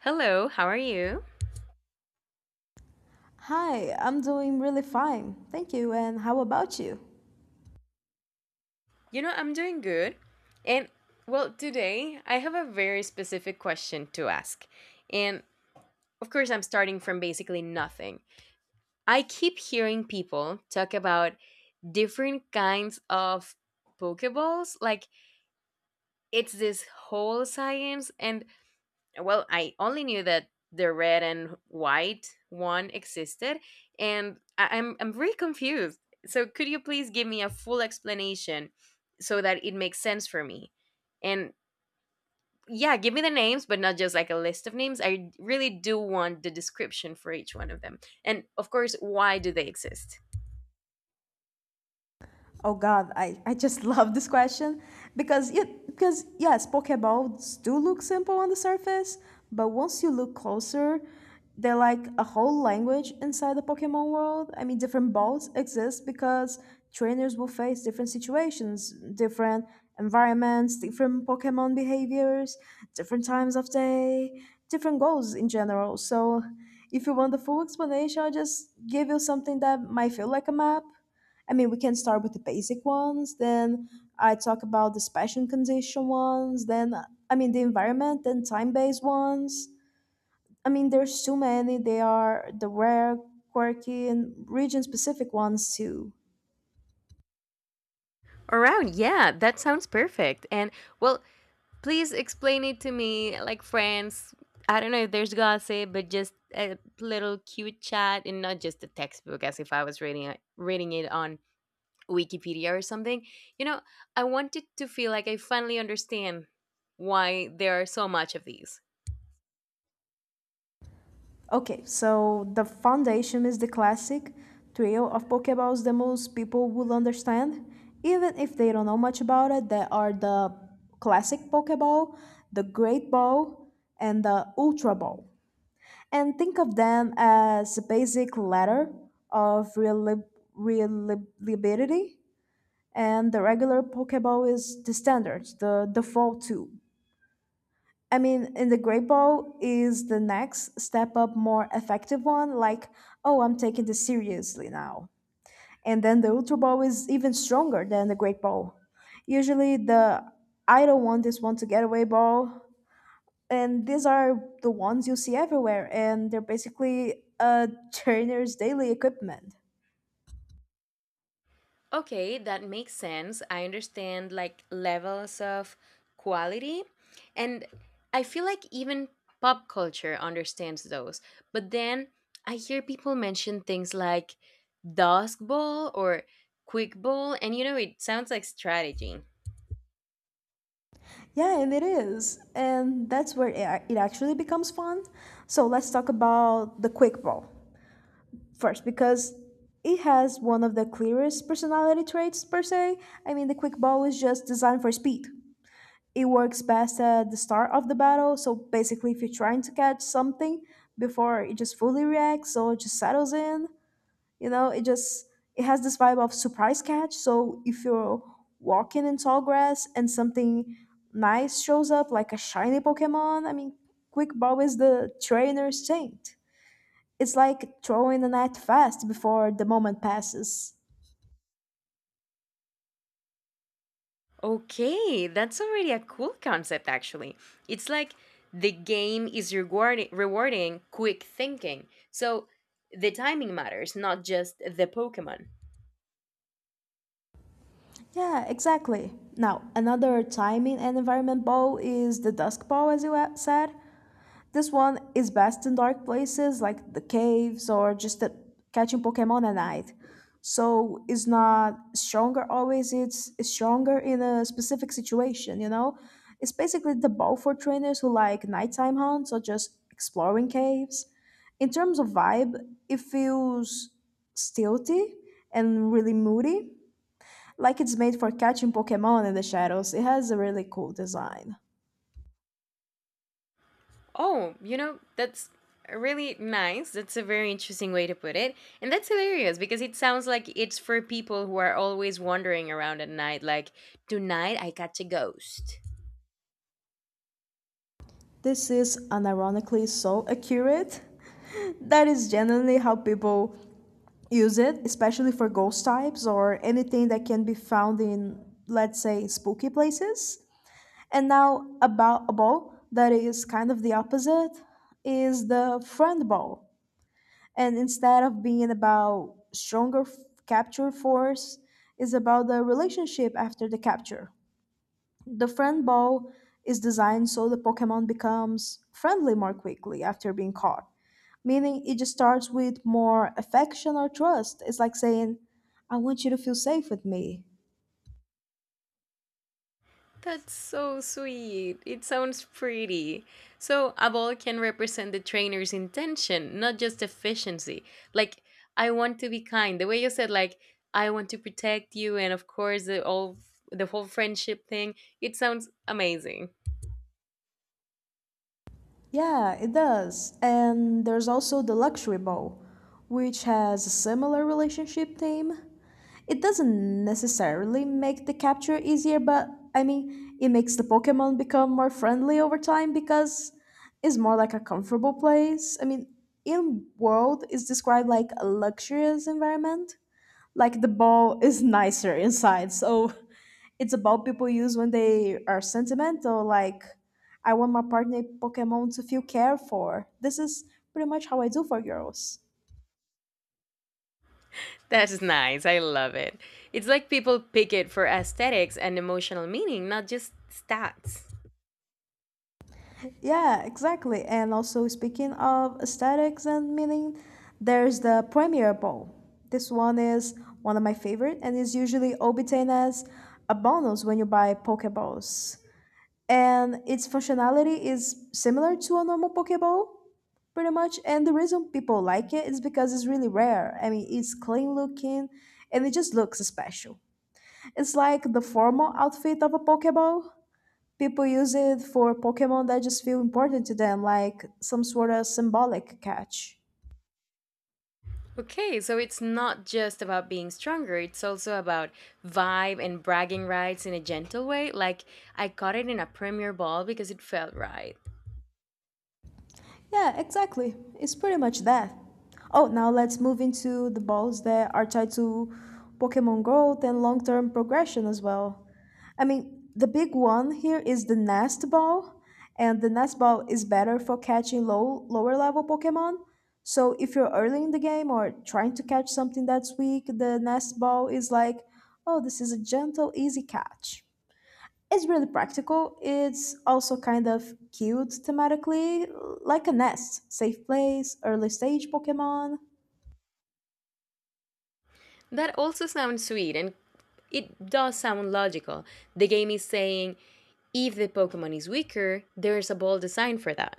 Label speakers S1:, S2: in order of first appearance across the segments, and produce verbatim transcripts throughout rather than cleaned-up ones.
S1: Hello, how are you?
S2: Hi, I'm doing really fine. Thank you. And how about you?
S1: You know, I'm doing good. And, well, today I have a very specific question to ask. And, of course, I'm starting from basically nothing. I keep hearing people talk about different kinds of Pokeballs. Like, it's this whole science, and, well, I only knew that the red and white one existed, and I- I'm I'm very confused. So could you please give me a full explanation so that it makes sense for me? And yeah, give me the names, but not just like a list of names. I really do want the description for each one of them. And of course, why do they exist?
S2: Oh God, I, I just love this question because it, because yes, Pokeballs do look simple on the surface, but once you look closer, they're like a whole language inside the Pokemon world. I mean, different balls exist because trainers will face different situations, different environments, different Pokemon behaviors, different times of day, different goals in general. So, if you want the full explanation, I'll just give you something that might feel like a map. I mean, we can start with the basic ones, then I talk about the special condition ones, then I mean the environment, then time based ones. I mean, there's too many. They are the rare, quirky, and region specific ones too.
S1: Around, yeah, that sounds perfect. And, well, please explain it to me, like friends. I don't know if there's gossip, but just a little cute chat and not just a textbook as if I was reading it, reading it on Wikipedia or something. You know, I wanted to feel like I finally understand why there are so much of these.
S2: Okay, so the foundation is the classic trio of Pokeballs that most people will understand, even if they don't know much about it. They are the classic Pokeball, the Great Ball, and the Ultra Ball. And think of them as a basic ladder of reliability. And the regular Pokeball is the standard, the default tool. I mean, and the Great Ball is the next step up, more effective one. Like, oh, I'm taking this seriously now. And then the Ultra Ball is even stronger than the Great Ball, usually the I don't want this one to get away ball. And these are the ones you see everywhere, and they're basically a trainer's daily equipment.
S1: Okay, that makes sense. I understand like levels of quality. And I feel like even pop culture understands those. But then I hear people mention things like Dusk Bowl or Quick Bowl, and you know, it sounds like strategy.
S2: Yeah, and it is. And that's where it ac- it actually becomes fun. So let's talk about the Quick Ball first, because it has one of the clearest personality traits, per se. I mean, the Quick Ball is just designed for speed. It works best at the start of the battle, so basically if you're trying to catch something before it just fully reacts or just settles in, you know it just it has this vibe of surprise catch. So if you're walking in tall grass and something nice shows up, like a shiny Pokemon, I mean, Quick Bob is the trainer's saint. It's like throwing a net fast before the moment passes.
S1: Okay, that's already a cool concept actually. It's like the game is rewarding rewarding quick thinking. So the timing matters, not just the Pokemon.
S2: Yeah, exactly. Now another timing and environment ball is the Dusk Ball, as you a- said. This one is best in dark places like the caves or just at catching Pokemon at night. So it's not stronger always, it's, it's stronger in a specific situation, you know? It's basically the ball for trainers who like nighttime hunts or just exploring caves. In terms of vibe, it feels stealthy and really moody, like it's made for catching Pokemon in the shadows. It has a really cool design.
S1: Oh, you know, that's really nice. That's a very interesting way to put it. And that's hilarious because it sounds like it's for people who are always wandering around at night, like, tonight I catch a ghost.
S2: This is unironically so accurate. That is generally how people use it, especially for ghost types or anything that can be found in, let's say, spooky places. And now about a ball that is kind of the opposite is the friend ball. And instead of being about stronger f- capture force, is about the relationship after the capture. The friend ball is designed so the Pokemon becomes friendly more quickly after being caught, meaning it just starts with more affection or trust. It's like saying, I want you to feel safe with me.
S1: That's so sweet. It sounds pretty. So a ball can represent the trainer's intention, not just efficiency. Like, I want to be kind. The way you said, like, I want to protect you, and of course, the all the whole friendship thing. It sounds amazing.
S2: Yeah, it does. And there's also the luxury ball, which has a similar relationship theme. It doesn't necessarily make the capture easier, but I mean, it makes the Pokemon become more friendly over time because it's more like a comfortable place. I mean, in World is described like a luxurious environment. Like the ball is nicer inside, so it's a ball people use when they are sentimental. Like, I want my partner Pokemon to feel cared for. This is pretty much how I do for girls.
S1: That is nice. I love it. It's like people pick it for aesthetics and emotional meaning, not just stats.
S2: Yeah, exactly. And also, speaking of aesthetics and meaning, there's the Premier Bowl. This one is one of my favorite and is usually obtained as a bonus when you buy Pokeballs. And its functionality is similar to a normal Pokeball, pretty much. And the reason people like it is because it's really rare. I mean, it's clean looking and it just looks special. It's like the formal outfit of a Pokeball, people use it for Pokemon that just feel important to them, like some sort of symbolic catch.
S1: Okay, so it's not just about being stronger, it's also about vibe and bragging rights in a gentle way, like I caught it in a premier ball because it felt right.
S2: Yeah, exactly. It's pretty much that. Oh, now let's move into the balls that are tied to Pokemon growth and long term progression as well. I mean, the big one here is the Nest Ball, and the Nest Ball is better for catching low lower level Pokemon. So if you're early in the game or trying to catch something that's weak, the Nest Ball is like, oh, this is a gentle, easy catch. It's really practical. It's also kind of cute thematically, like a nest, safe place, early stage Pokemon.
S1: That also sounds sweet and it does sound logical. The game is saying if the Pokemon is weaker, there's a ball designed for that.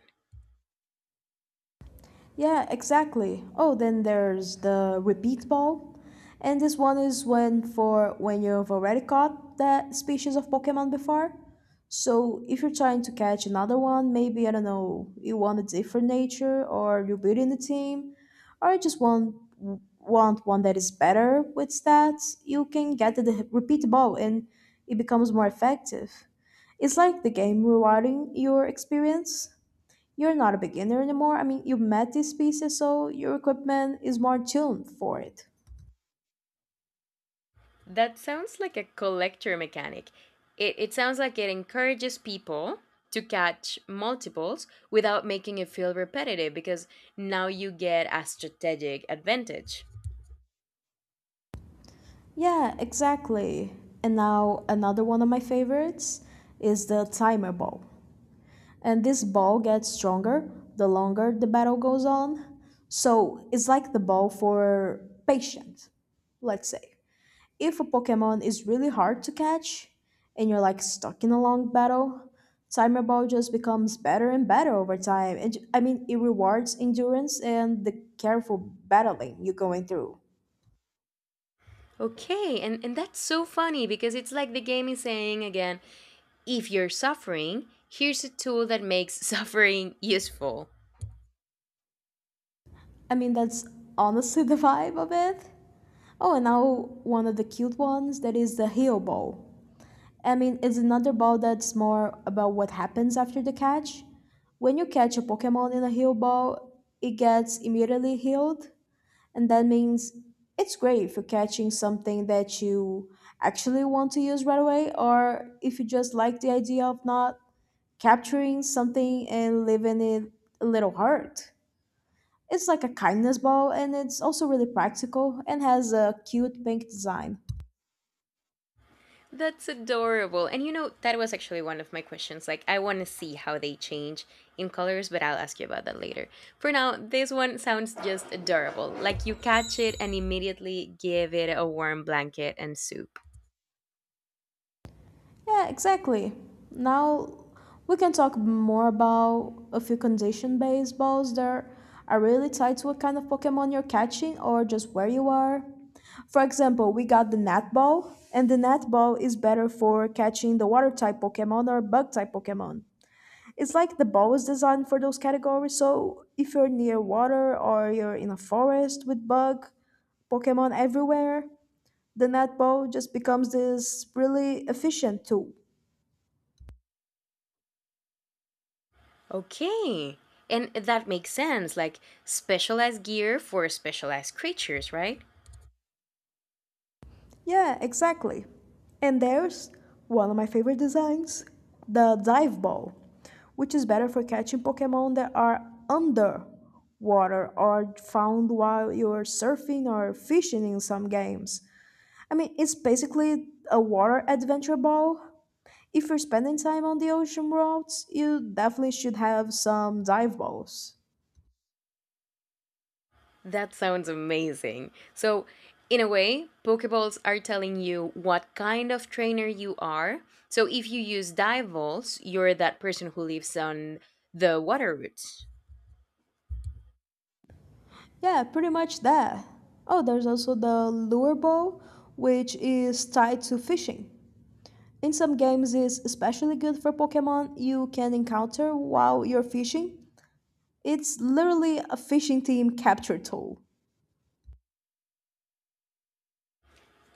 S2: Yeah, exactly. Oh, then there's the repeat ball. And this one is when for when you've already caught that species of Pokemon before. So if you're trying to catch another one, maybe I don't know, you want a different nature or you're building a team, or you just want want one that is better with stats, you can get the repeat ball and it becomes more effective. It's like the game rewarding your experience. You're not a beginner anymore. I mean, you met this species, so your equipment is more tuned for it.
S1: That sounds like a collector mechanic. It, it sounds like it encourages people to catch multiples without making it feel repetitive because now you get a strategic advantage.
S2: Yeah, exactly. And now another one of my favorites is the timer ball. And this ball gets stronger the longer the battle goes on. So it's like the ball for patience, let's say. If a Pokemon is really hard to catch and you're like stuck in a long battle, Timer Ball just becomes better and better over time. And I mean, it rewards endurance and the careful battling you're going through.
S1: Okay, and, and that's so funny because it's like the game is saying again if you're suffering, here's a tool that makes suffering useful.
S2: I mean, that's honestly the vibe of it. Oh, and now one of the cute ones that is the Heal Ball. I mean, it's another ball that's more about what happens after the catch. When you catch a Pokemon in a heal ball, it gets immediately healed. And that means it's great for catching something that you actually want to use right away, or if you just like the idea of not capturing something and leaving it a little hurt. It's like a kindness ball, and it's also really practical and has a cute pink design.
S1: That's adorable. And you know, that was actually one of my questions. Like, I want to see how they change in colors, but I'll ask you about that later. For now, this one sounds just adorable. Like, you catch it and immediately give it a warm blanket and soup.
S2: Yeah, exactly. Now we can talk more about a few condition based balls that are really tied to what kind of Pokemon you're catching or just where you are. For example, we got the net ball, and the net ball is better for catching the water type Pokemon or bug type Pokemon. It's like the ball is designed for those categories, so if you're near water or you're in a forest with bug Pokemon everywhere, the net ball just becomes this really efficient tool.
S1: Okay. And that makes sense. Like, specialized gear for specialized creatures, right?
S2: Yeah, exactly. And there's one of my favorite designs the dive ball, which is better for catching Pokemon that are underwater or found while you're surfing or fishing in some games. I mean, it's basically a water adventure ball. If you're spending time on the ocean routes, you definitely should have some dive balls.
S1: That sounds amazing. So in a way, Pokeballs are telling you what kind of trainer you are. So if you use dive balls, you're that person who lives on the water routes.
S2: Yeah, pretty much that. Oh, there's also the lure ball, which is tied to fishing. In some games is especially good for Pokemon you can encounter while you're fishing. It's literally a fishing team capture tool.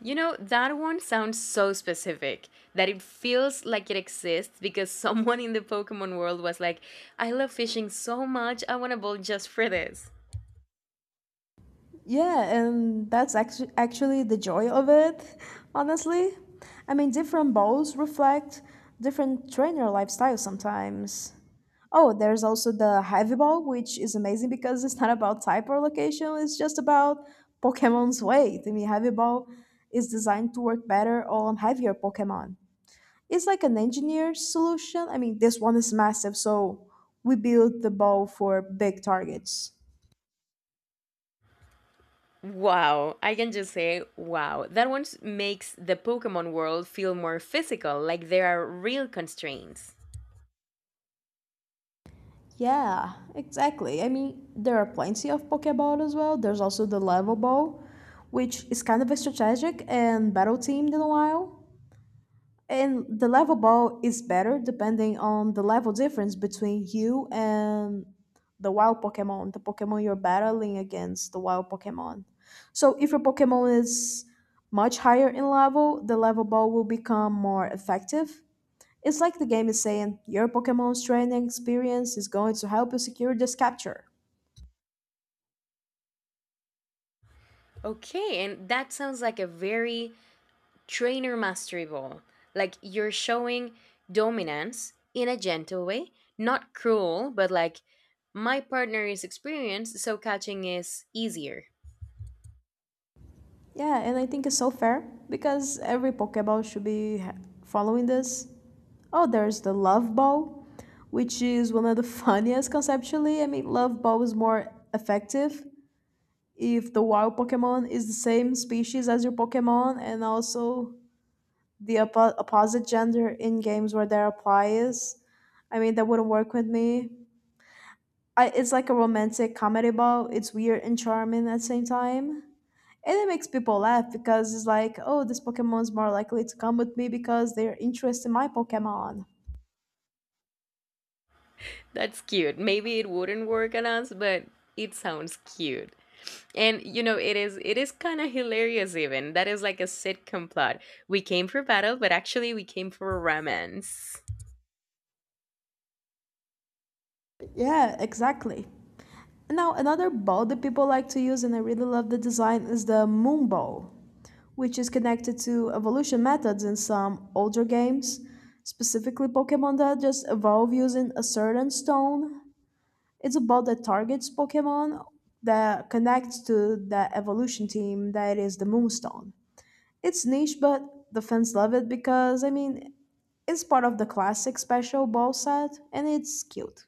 S1: You know, that one sounds so specific that it feels like it exists because someone in the Pokemon world was like, I love fishing so much, I want a ball just for this.
S2: Yeah, and that's actu- actually the joy of it, honestly. I mean, different bowls reflect different trainer lifestyles sometimes. Oh, there's also the heavy ball, which is amazing because it's not about type or location, it's just about Pokemon's weight. I mean, heavy ball is designed to work better on heavier Pokemon. It's like an engineer solution. I mean, this one is massive, so we build the bow for big targets.
S1: Wow, I can just say wow. That one makes the Pokemon world feel more physical, like there are real constraints.
S2: Yeah, exactly. I mean, there are plenty of Pokeball as well. There's also the level bow, which is kind of a strategic and battle themed in a while. And the level ball is better depending on the level difference between you and the wild Pokemon, the Pokemon you're battling against, the wild Pokemon. So if your Pokemon is much higher in level, the level ball will become more effective. It's like the game is saying your Pokemon's training experience is going to help you secure this capture.
S1: Okay, and that sounds like a very trainer mastery ball. Like you're showing dominance in a gentle way, not cruel, but like my partner is experienced, so catching is easier.
S2: Yeah, and I think it's so fair because every Pokeball should be ha- following this. Oh, there's the love ball, which is one of the funniest conceptually. I mean, love ball is more effective if the wild Pokemon is the same species as your Pokemon and also the oppo- opposite gender in games where there applies. I mean, that wouldn't work with me. I, it's like a romantic comedy ball. It's weird and charming at the same time. And it makes people laugh because it's like, oh, this Pokemon's more likely to come with me because they're interested in my Pokemon.
S1: That's cute. Maybe it wouldn't work on us, but it sounds cute. And you know, it is it is kind of hilarious even. That is like a sitcom plot. We came for battle, but actually we came for romance.
S2: Yeah, exactly. Now, another ball that people like to use, and I really love the design, is the moon ball, which is connected to evolution methods in some older games, specifically Pokemon that just evolve using a certain stone. It's a ball that targets Pokemon that connects to the evolution team that is the Moonstone. It's niche, but the fans love it because, I mean, it's part of the classic special ball set and it's cute.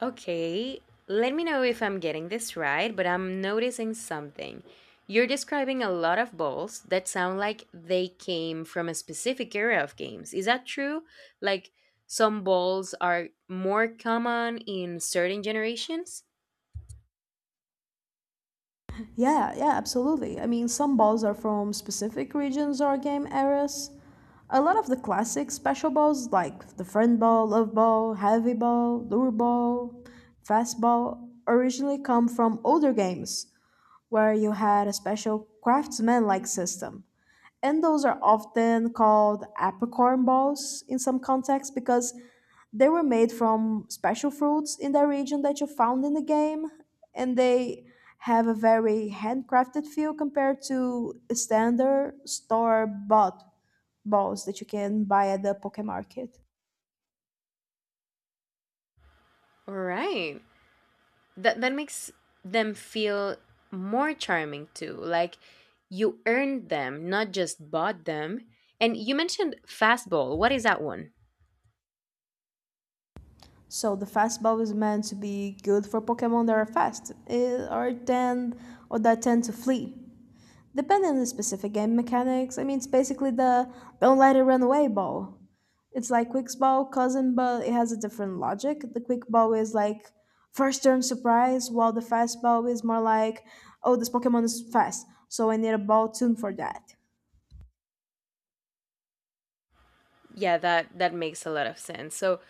S1: Okay, let me know if I'm getting this right, but I'm noticing something. You're describing a lot of balls that sound like they came from a specific area of games. Is that true? Like, some balls are more common in certain generations?
S2: Yeah, yeah, absolutely. I mean, some balls are from specific regions or game eras. A lot of the classic special balls, like the friend ball, love ball, heavy ball, lure ball, fast ball, originally come from older games where you had a special craftsman like system. And those are often called apricorn balls in some contexts because they were made from special fruits in the region that you found in the game, and they have a very handcrafted feel compared to standard store bought balls that you can buy at the Poké Market.
S1: All right, that that makes them feel more charming too, like you earned them, not just bought them. And you mentioned fastball, what is that one?
S2: So the fast ball is meant to be good for Pokemon that are fast eh, or tend or that tend to flee. Depending on the specific game mechanics, I mean it's basically the don't let it run away ball. It's like quick ball, cousin, but it has a different logic. The quick ball is like first turn surprise, while the fast ball is more like, oh, this Pokemon is fast, so I need a ball tuned for that.
S1: Yeah, that that makes a lot of sense. So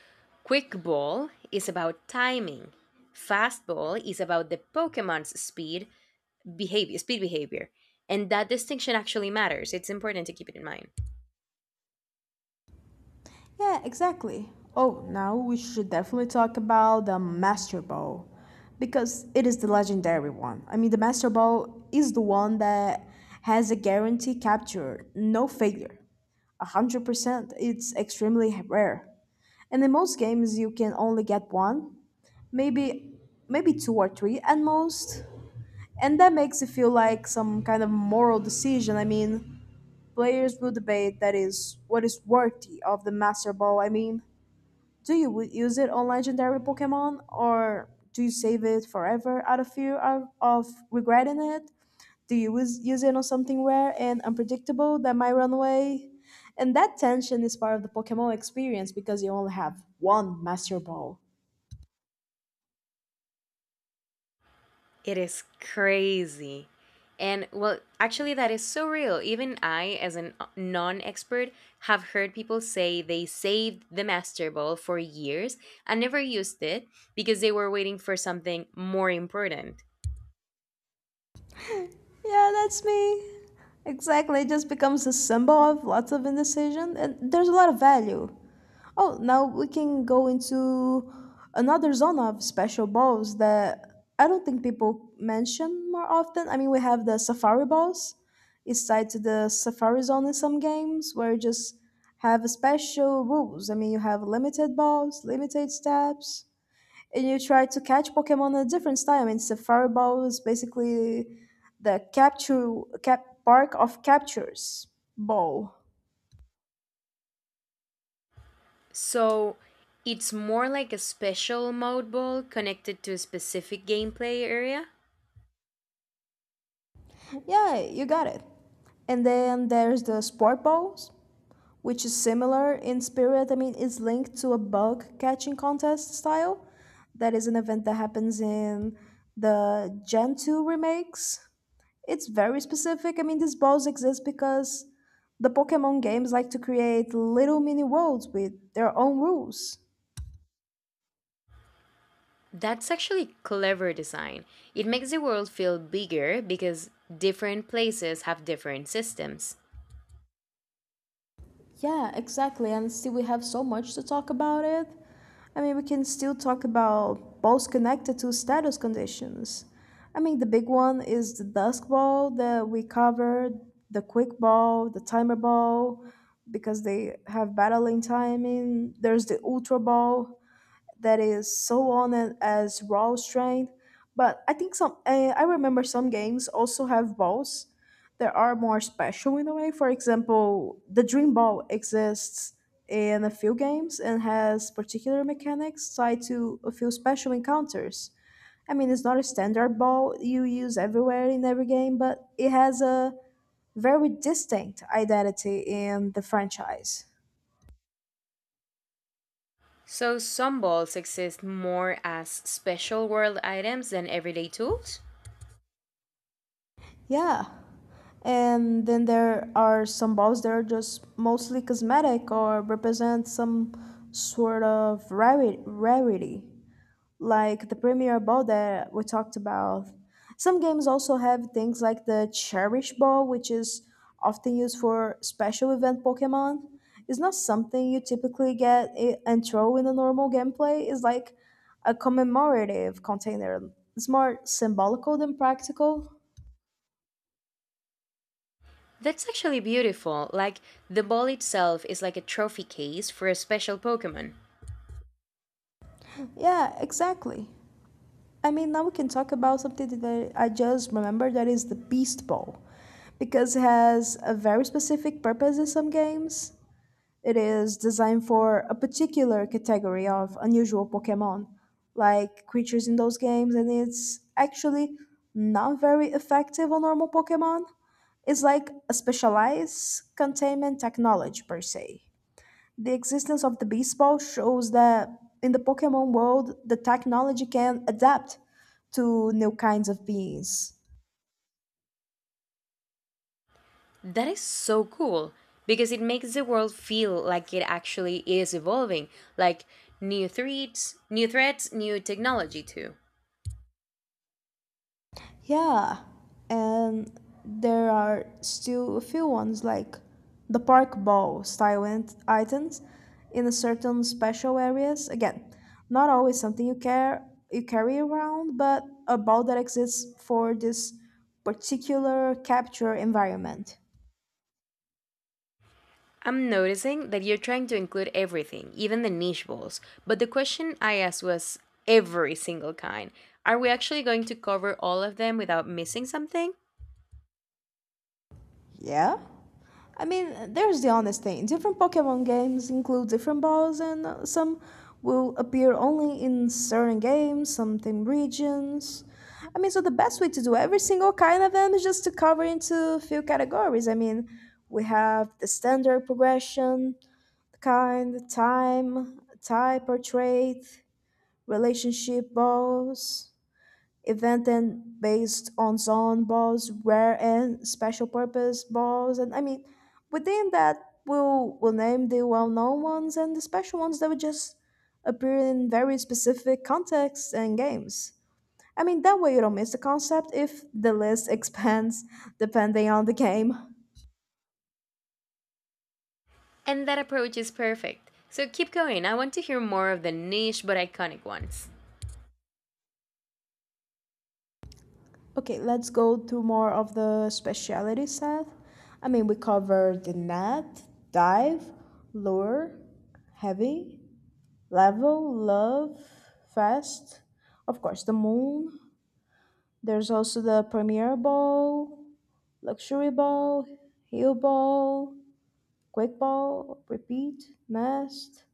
S1: quick ball is about timing, fastball is about the Pokemon's speed behavior speed behavior and that distinction actually matters. It's important to keep it in mind.
S2: Yeah, exactly. Oh, now we should definitely talk about the Master Ball because it is the legendary one. I mean, the Master Ball is the one that has a guarantee capture, no failure. one hundred percent, it's extremely rare. And in most games, you can only get one, maybe maybe two or three at most, and that makes it feel like some kind of moral decision. I mean, players will debate that is what is worthy of the master ball. I mean, do you w- use it on legendary pokemon, or do you save it forever out of fear of, of regretting it? Do you use, use it on something rare and unpredictable that might run away? And that tension is part of the pokemon experience because you only have one master ball.
S1: It is crazy. And, well, actually, that is so real. Even I, as a non expert, have heard people say they saved the Master Ball for years and never used it because they were waiting for something more important.
S2: Yeah, that's me. Exactly, it just becomes a symbol of lots of indecision, and there's a lot of value. Oh, now we can go into another zone of special balls that I don't think people mention more often. I mean, we have the safari balls. It's tied to the safari zone in some games where you just have special rules. I mean, you have limited balls, limited steps, and you try to catch Pokemon at a different time. And Safari Ball is basically the capture cap park of captures ball.
S1: So it's more like a special mode ball connected to a specific gameplay area.
S2: Yeah, you got it. And then there's the sport balls, which is similar in spirit. I mean, it's linked to a bug catching contest style. That is an event that happens in the Gen two remakes. It's very specific. I mean, these balls exist because the Pokemon games like to create little mini worlds with their own rules.
S1: That's actually clever design. It makes the world feel bigger because different places have different systems.
S2: Yeah, exactly. And still, we have so much to talk about it. I mean, we can still talk about balls connected to status conditions. I mean, the big one is the dusk ball that we covered, the quick ball, the timer ball, because they have battling timing. There's the ultra ball that is so on it as raw strength. But I think some, uh, I remember some games also have balls that are more special in a way. For example, the Dream Ball exists in a few games and has particular mechanics tied to a few special encounters. I mean, it's not a standard ball you use everywhere in every game, but it has a very distinct identity in the franchise.
S1: So some balls exist more as special world items than everyday tools?
S2: Yeah, and then there are some balls that are just mostly cosmetic or represent some sort of rari- rarity, like the Premier Ball that we talked about. Some games also have things like the Cherish Ball, which is often used for special event Pokemon. It's not something you typically get i- and throw in a normal gameplay. It's like a commemorative container. It's more symbolical than practical.
S1: That's actually beautiful. Like, the ball itself is like a trophy case for a special Pokemon.
S2: Yeah, exactly. I mean, now we can talk about something that I just remember that is the Beast Ball, because it has a very specific purpose in some games. It is designed for a particular category of unusual Pokemon, like creatures in those games, and it's actually not very effective on normal Pokemon. It's like a specialized containment technology, per se. The existence of the baseball shows that in the Pokemon world, the technology can adapt to new kinds of beings.
S1: That is so cool because it makes the world feel like it actually is evolving, like new threats, new threats, new technology too.
S2: Yeah, and there are still a few ones like the park ball style ent- items in a certain special areas. Again, not always something you care you carry around, but a ball that exists for this particular capture environment.
S1: I'm noticing that you're trying to include everything, even the niche balls. But the question I asked was every single kind. Are we actually going to cover all of them without missing something?
S2: Yeah. I mean, there's the honest thing. Different Pokemon games include different balls, and uh, some will appear only in certain games, some in regions. I mean, so the best way to do every single kind of them is just to cover into a few categories. I mean, we have the standard progression, kind, time, type or trait, relationship balls, event and based on zone balls, rare and special purpose balls, and I mean, within that we'll we'll name the well-known ones and the special ones that would just appear in very specific contexts and games. I mean, that way you don't miss the concept if the list expands depending on the game.
S1: And that approach is perfect. So keep going. I want to hear more of the niche but iconic ones.
S2: Okay, let's go to more of the speciality set. I mean, we covered the net, dive, lure, heavy, level, love, fast, of course the moon, there's also the premier ball, luxury ball, heel ball, quick ball, repeat, nest.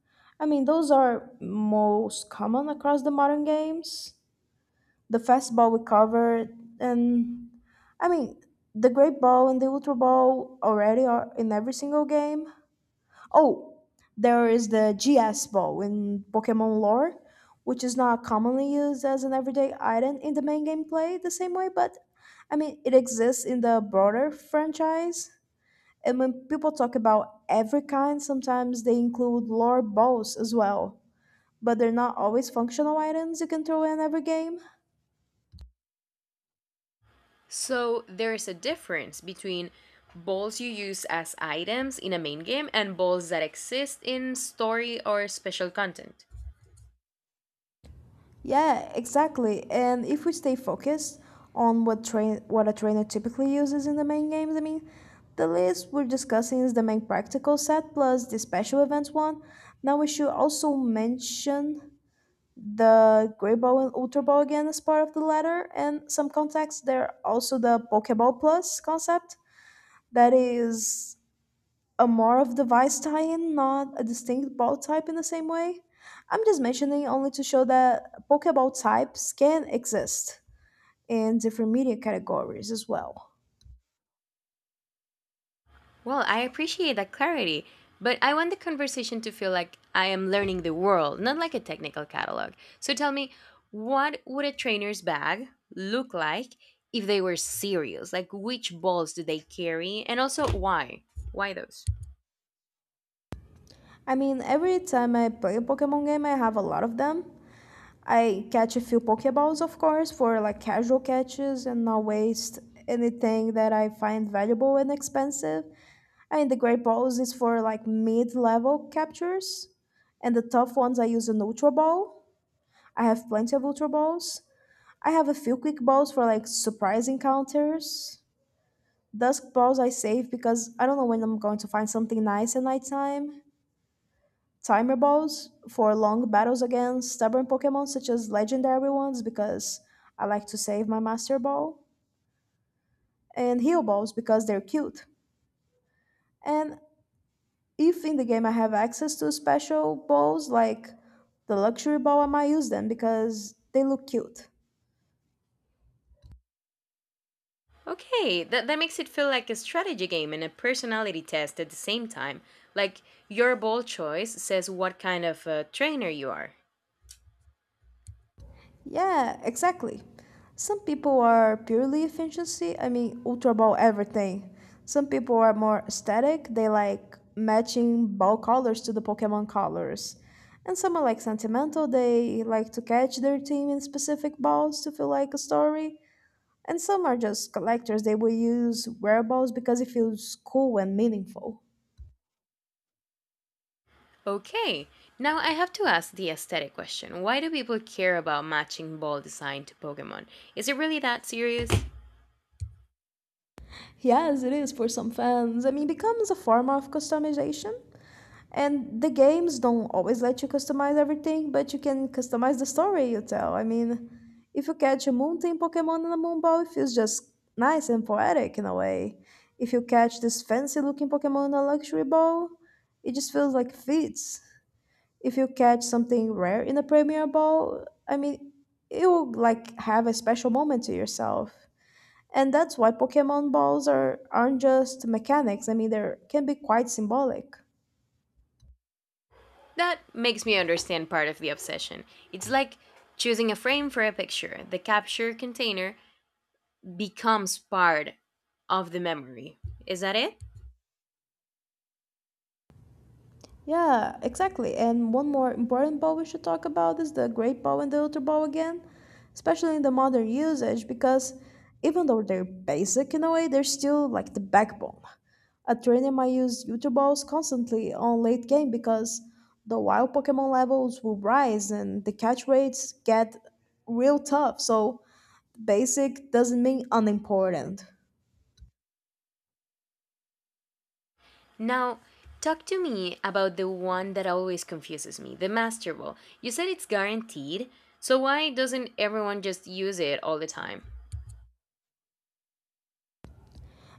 S2: I mean, those are most common across the modern games. The fast ball we covered, and I mean, the great ball and the ultra ball already are in every single game. Oh, there is the G S Ball in Pokemon lore, which is not commonly used as an everyday item in the main gameplay the same way, but I mean, it exists in the broader franchise. And when people talk about every kind, sometimes they include lore balls as well, but they're not always functional items you can throw in every game.
S1: So there is a difference between balls you use as items in a main game and balls that exist in story or special content.
S2: Yeah, exactly. And if we stay focused on what train what a trainer typically uses in the main games, I mean, the list we're discussing is the main practical set plus the special events one. Now we should also mention the Grey Ball and Ultra Ball again as part of the latter, and some context there also the Pokeball Plus concept that is a more of the vice tie-in, not a distinct ball type in the same way. I'm just mentioning only to show that Pokeball types can exist in different media categories as well.
S1: Well, I appreciate that clarity, but I want the conversation to feel like I am learning the world, not like a technical catalog. So tell me, what would a trainer's bag look like if they were serious? Like, which balls do they carry, and also why? Why those?
S2: I mean, every time I play a Pokemon game, I have a lot of them. I catch a few Pokeballs, of course, for like casual catches and not waste anything that I find valuable and expensive. I mean, the Great Balls is for like mid level captures, and the tough ones I use an Ultra Ball. I have plenty of Ultra Balls. I have a few Quick Balls for like surprise encounters. Dusk Balls I save because I don't know when I'm going to find something nice at nighttime. Timer Balls for long battles against stubborn Pokemon such as legendary ones because I like to save my Master Ball. And Heal Balls because they're cute. And if in the game I have access to special balls like the luxury ball, I might use them because they look cute.
S1: Okay, that, that makes it feel like a strategy game and a personality test at the same time. Like, your ball choice says what kind of uh trainer you are.
S2: Yeah, exactly. Some people are purely efficiency, I mean, ultra ball everything. Some people are more aesthetic, they like matching ball colors to the Pokemon colors. And some are like sentimental, they like to catch their team in specific balls to feel like a story. And some are just collectors, they will use wearables because it feels cool and meaningful.
S1: Okay, now I have to ask the aesthetic question. Why do people care about matching ball design to Pokemon? Is it really that serious?
S2: Yes, it is for some fans. I mean, it becomes a form of customization. And the games don't always let you customize everything, but you can customize the story you tell. I mean, if you catch a mountain Pokemon in a moonball, it feels just nice and poetic in a way. If you catch this fancy looking Pokemon in a luxury ball, it just feels like fits. If you catch something rare in a premier ball, I mean, you will like have a special moment to yourself. And that's why Pokemon balls are aren't just mechanics. I mean, they can be quite symbolic.
S1: That makes me understand part of the obsession. It's like choosing a frame for a picture. The capture container becomes part of the memory. Is that it?
S2: Yeah, exactly. And one more important bow we should talk about is the great bow and the ultra bow again, especially in the modern usage, because even though they're basic in a way, they're still like the backbone. At Trinium, I use ultra bows constantly on late game because the wild Pokemon levels will rise and the catch rates get real tough, so basic doesn't mean unimportant.
S1: Now, talk to me about the one that always confuses me, the Master Ball. You said it's guaranteed, so why doesn't everyone just use it all the time?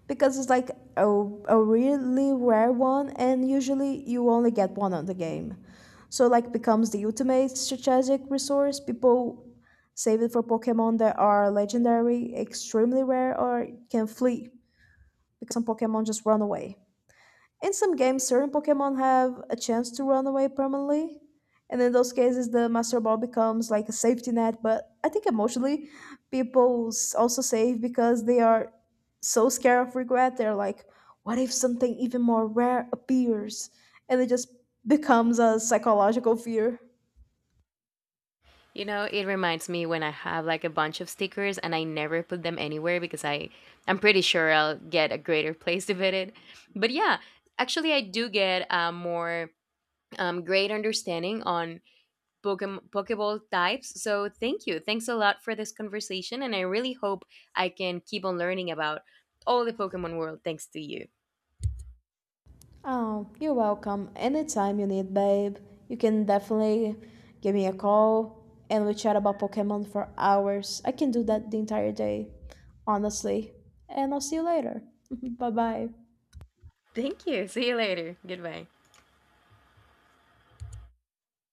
S2: Because it's like a, a really rare one and usually you only get one on the game, so like becomes the ultimate strategic resource. People save it for pokemon that are legendary, extremely rare, or can flee because some pokemon just run away. In some games, certain Pokemon have a chance to run away permanently. And in those cases, the Master Ball becomes like a safety net. But I think emotionally, people s- also save because they are so scared of regret. They're like, what if something even more rare appears? And it just becomes a psychological fear.
S1: You know, it reminds me when I have like a bunch of stickers and I never put them anywhere because I I'm pretty sure I'll get a greater place to put it. But yeah, actually I do get a more um, great understanding on Pokemon Pokeball types. So thank you. Thanks a lot for this conversation and I really hope I can keep on learning about all the Pokemon world thanks to you.
S2: Oh, you're welcome. Anytime you need, babe. You can definitely give me a call and we chat about Pokemon for hours. I can do that the entire day, honestly. And I'll see you later. Bye bye.
S1: Thank you. See you later. Goodbye.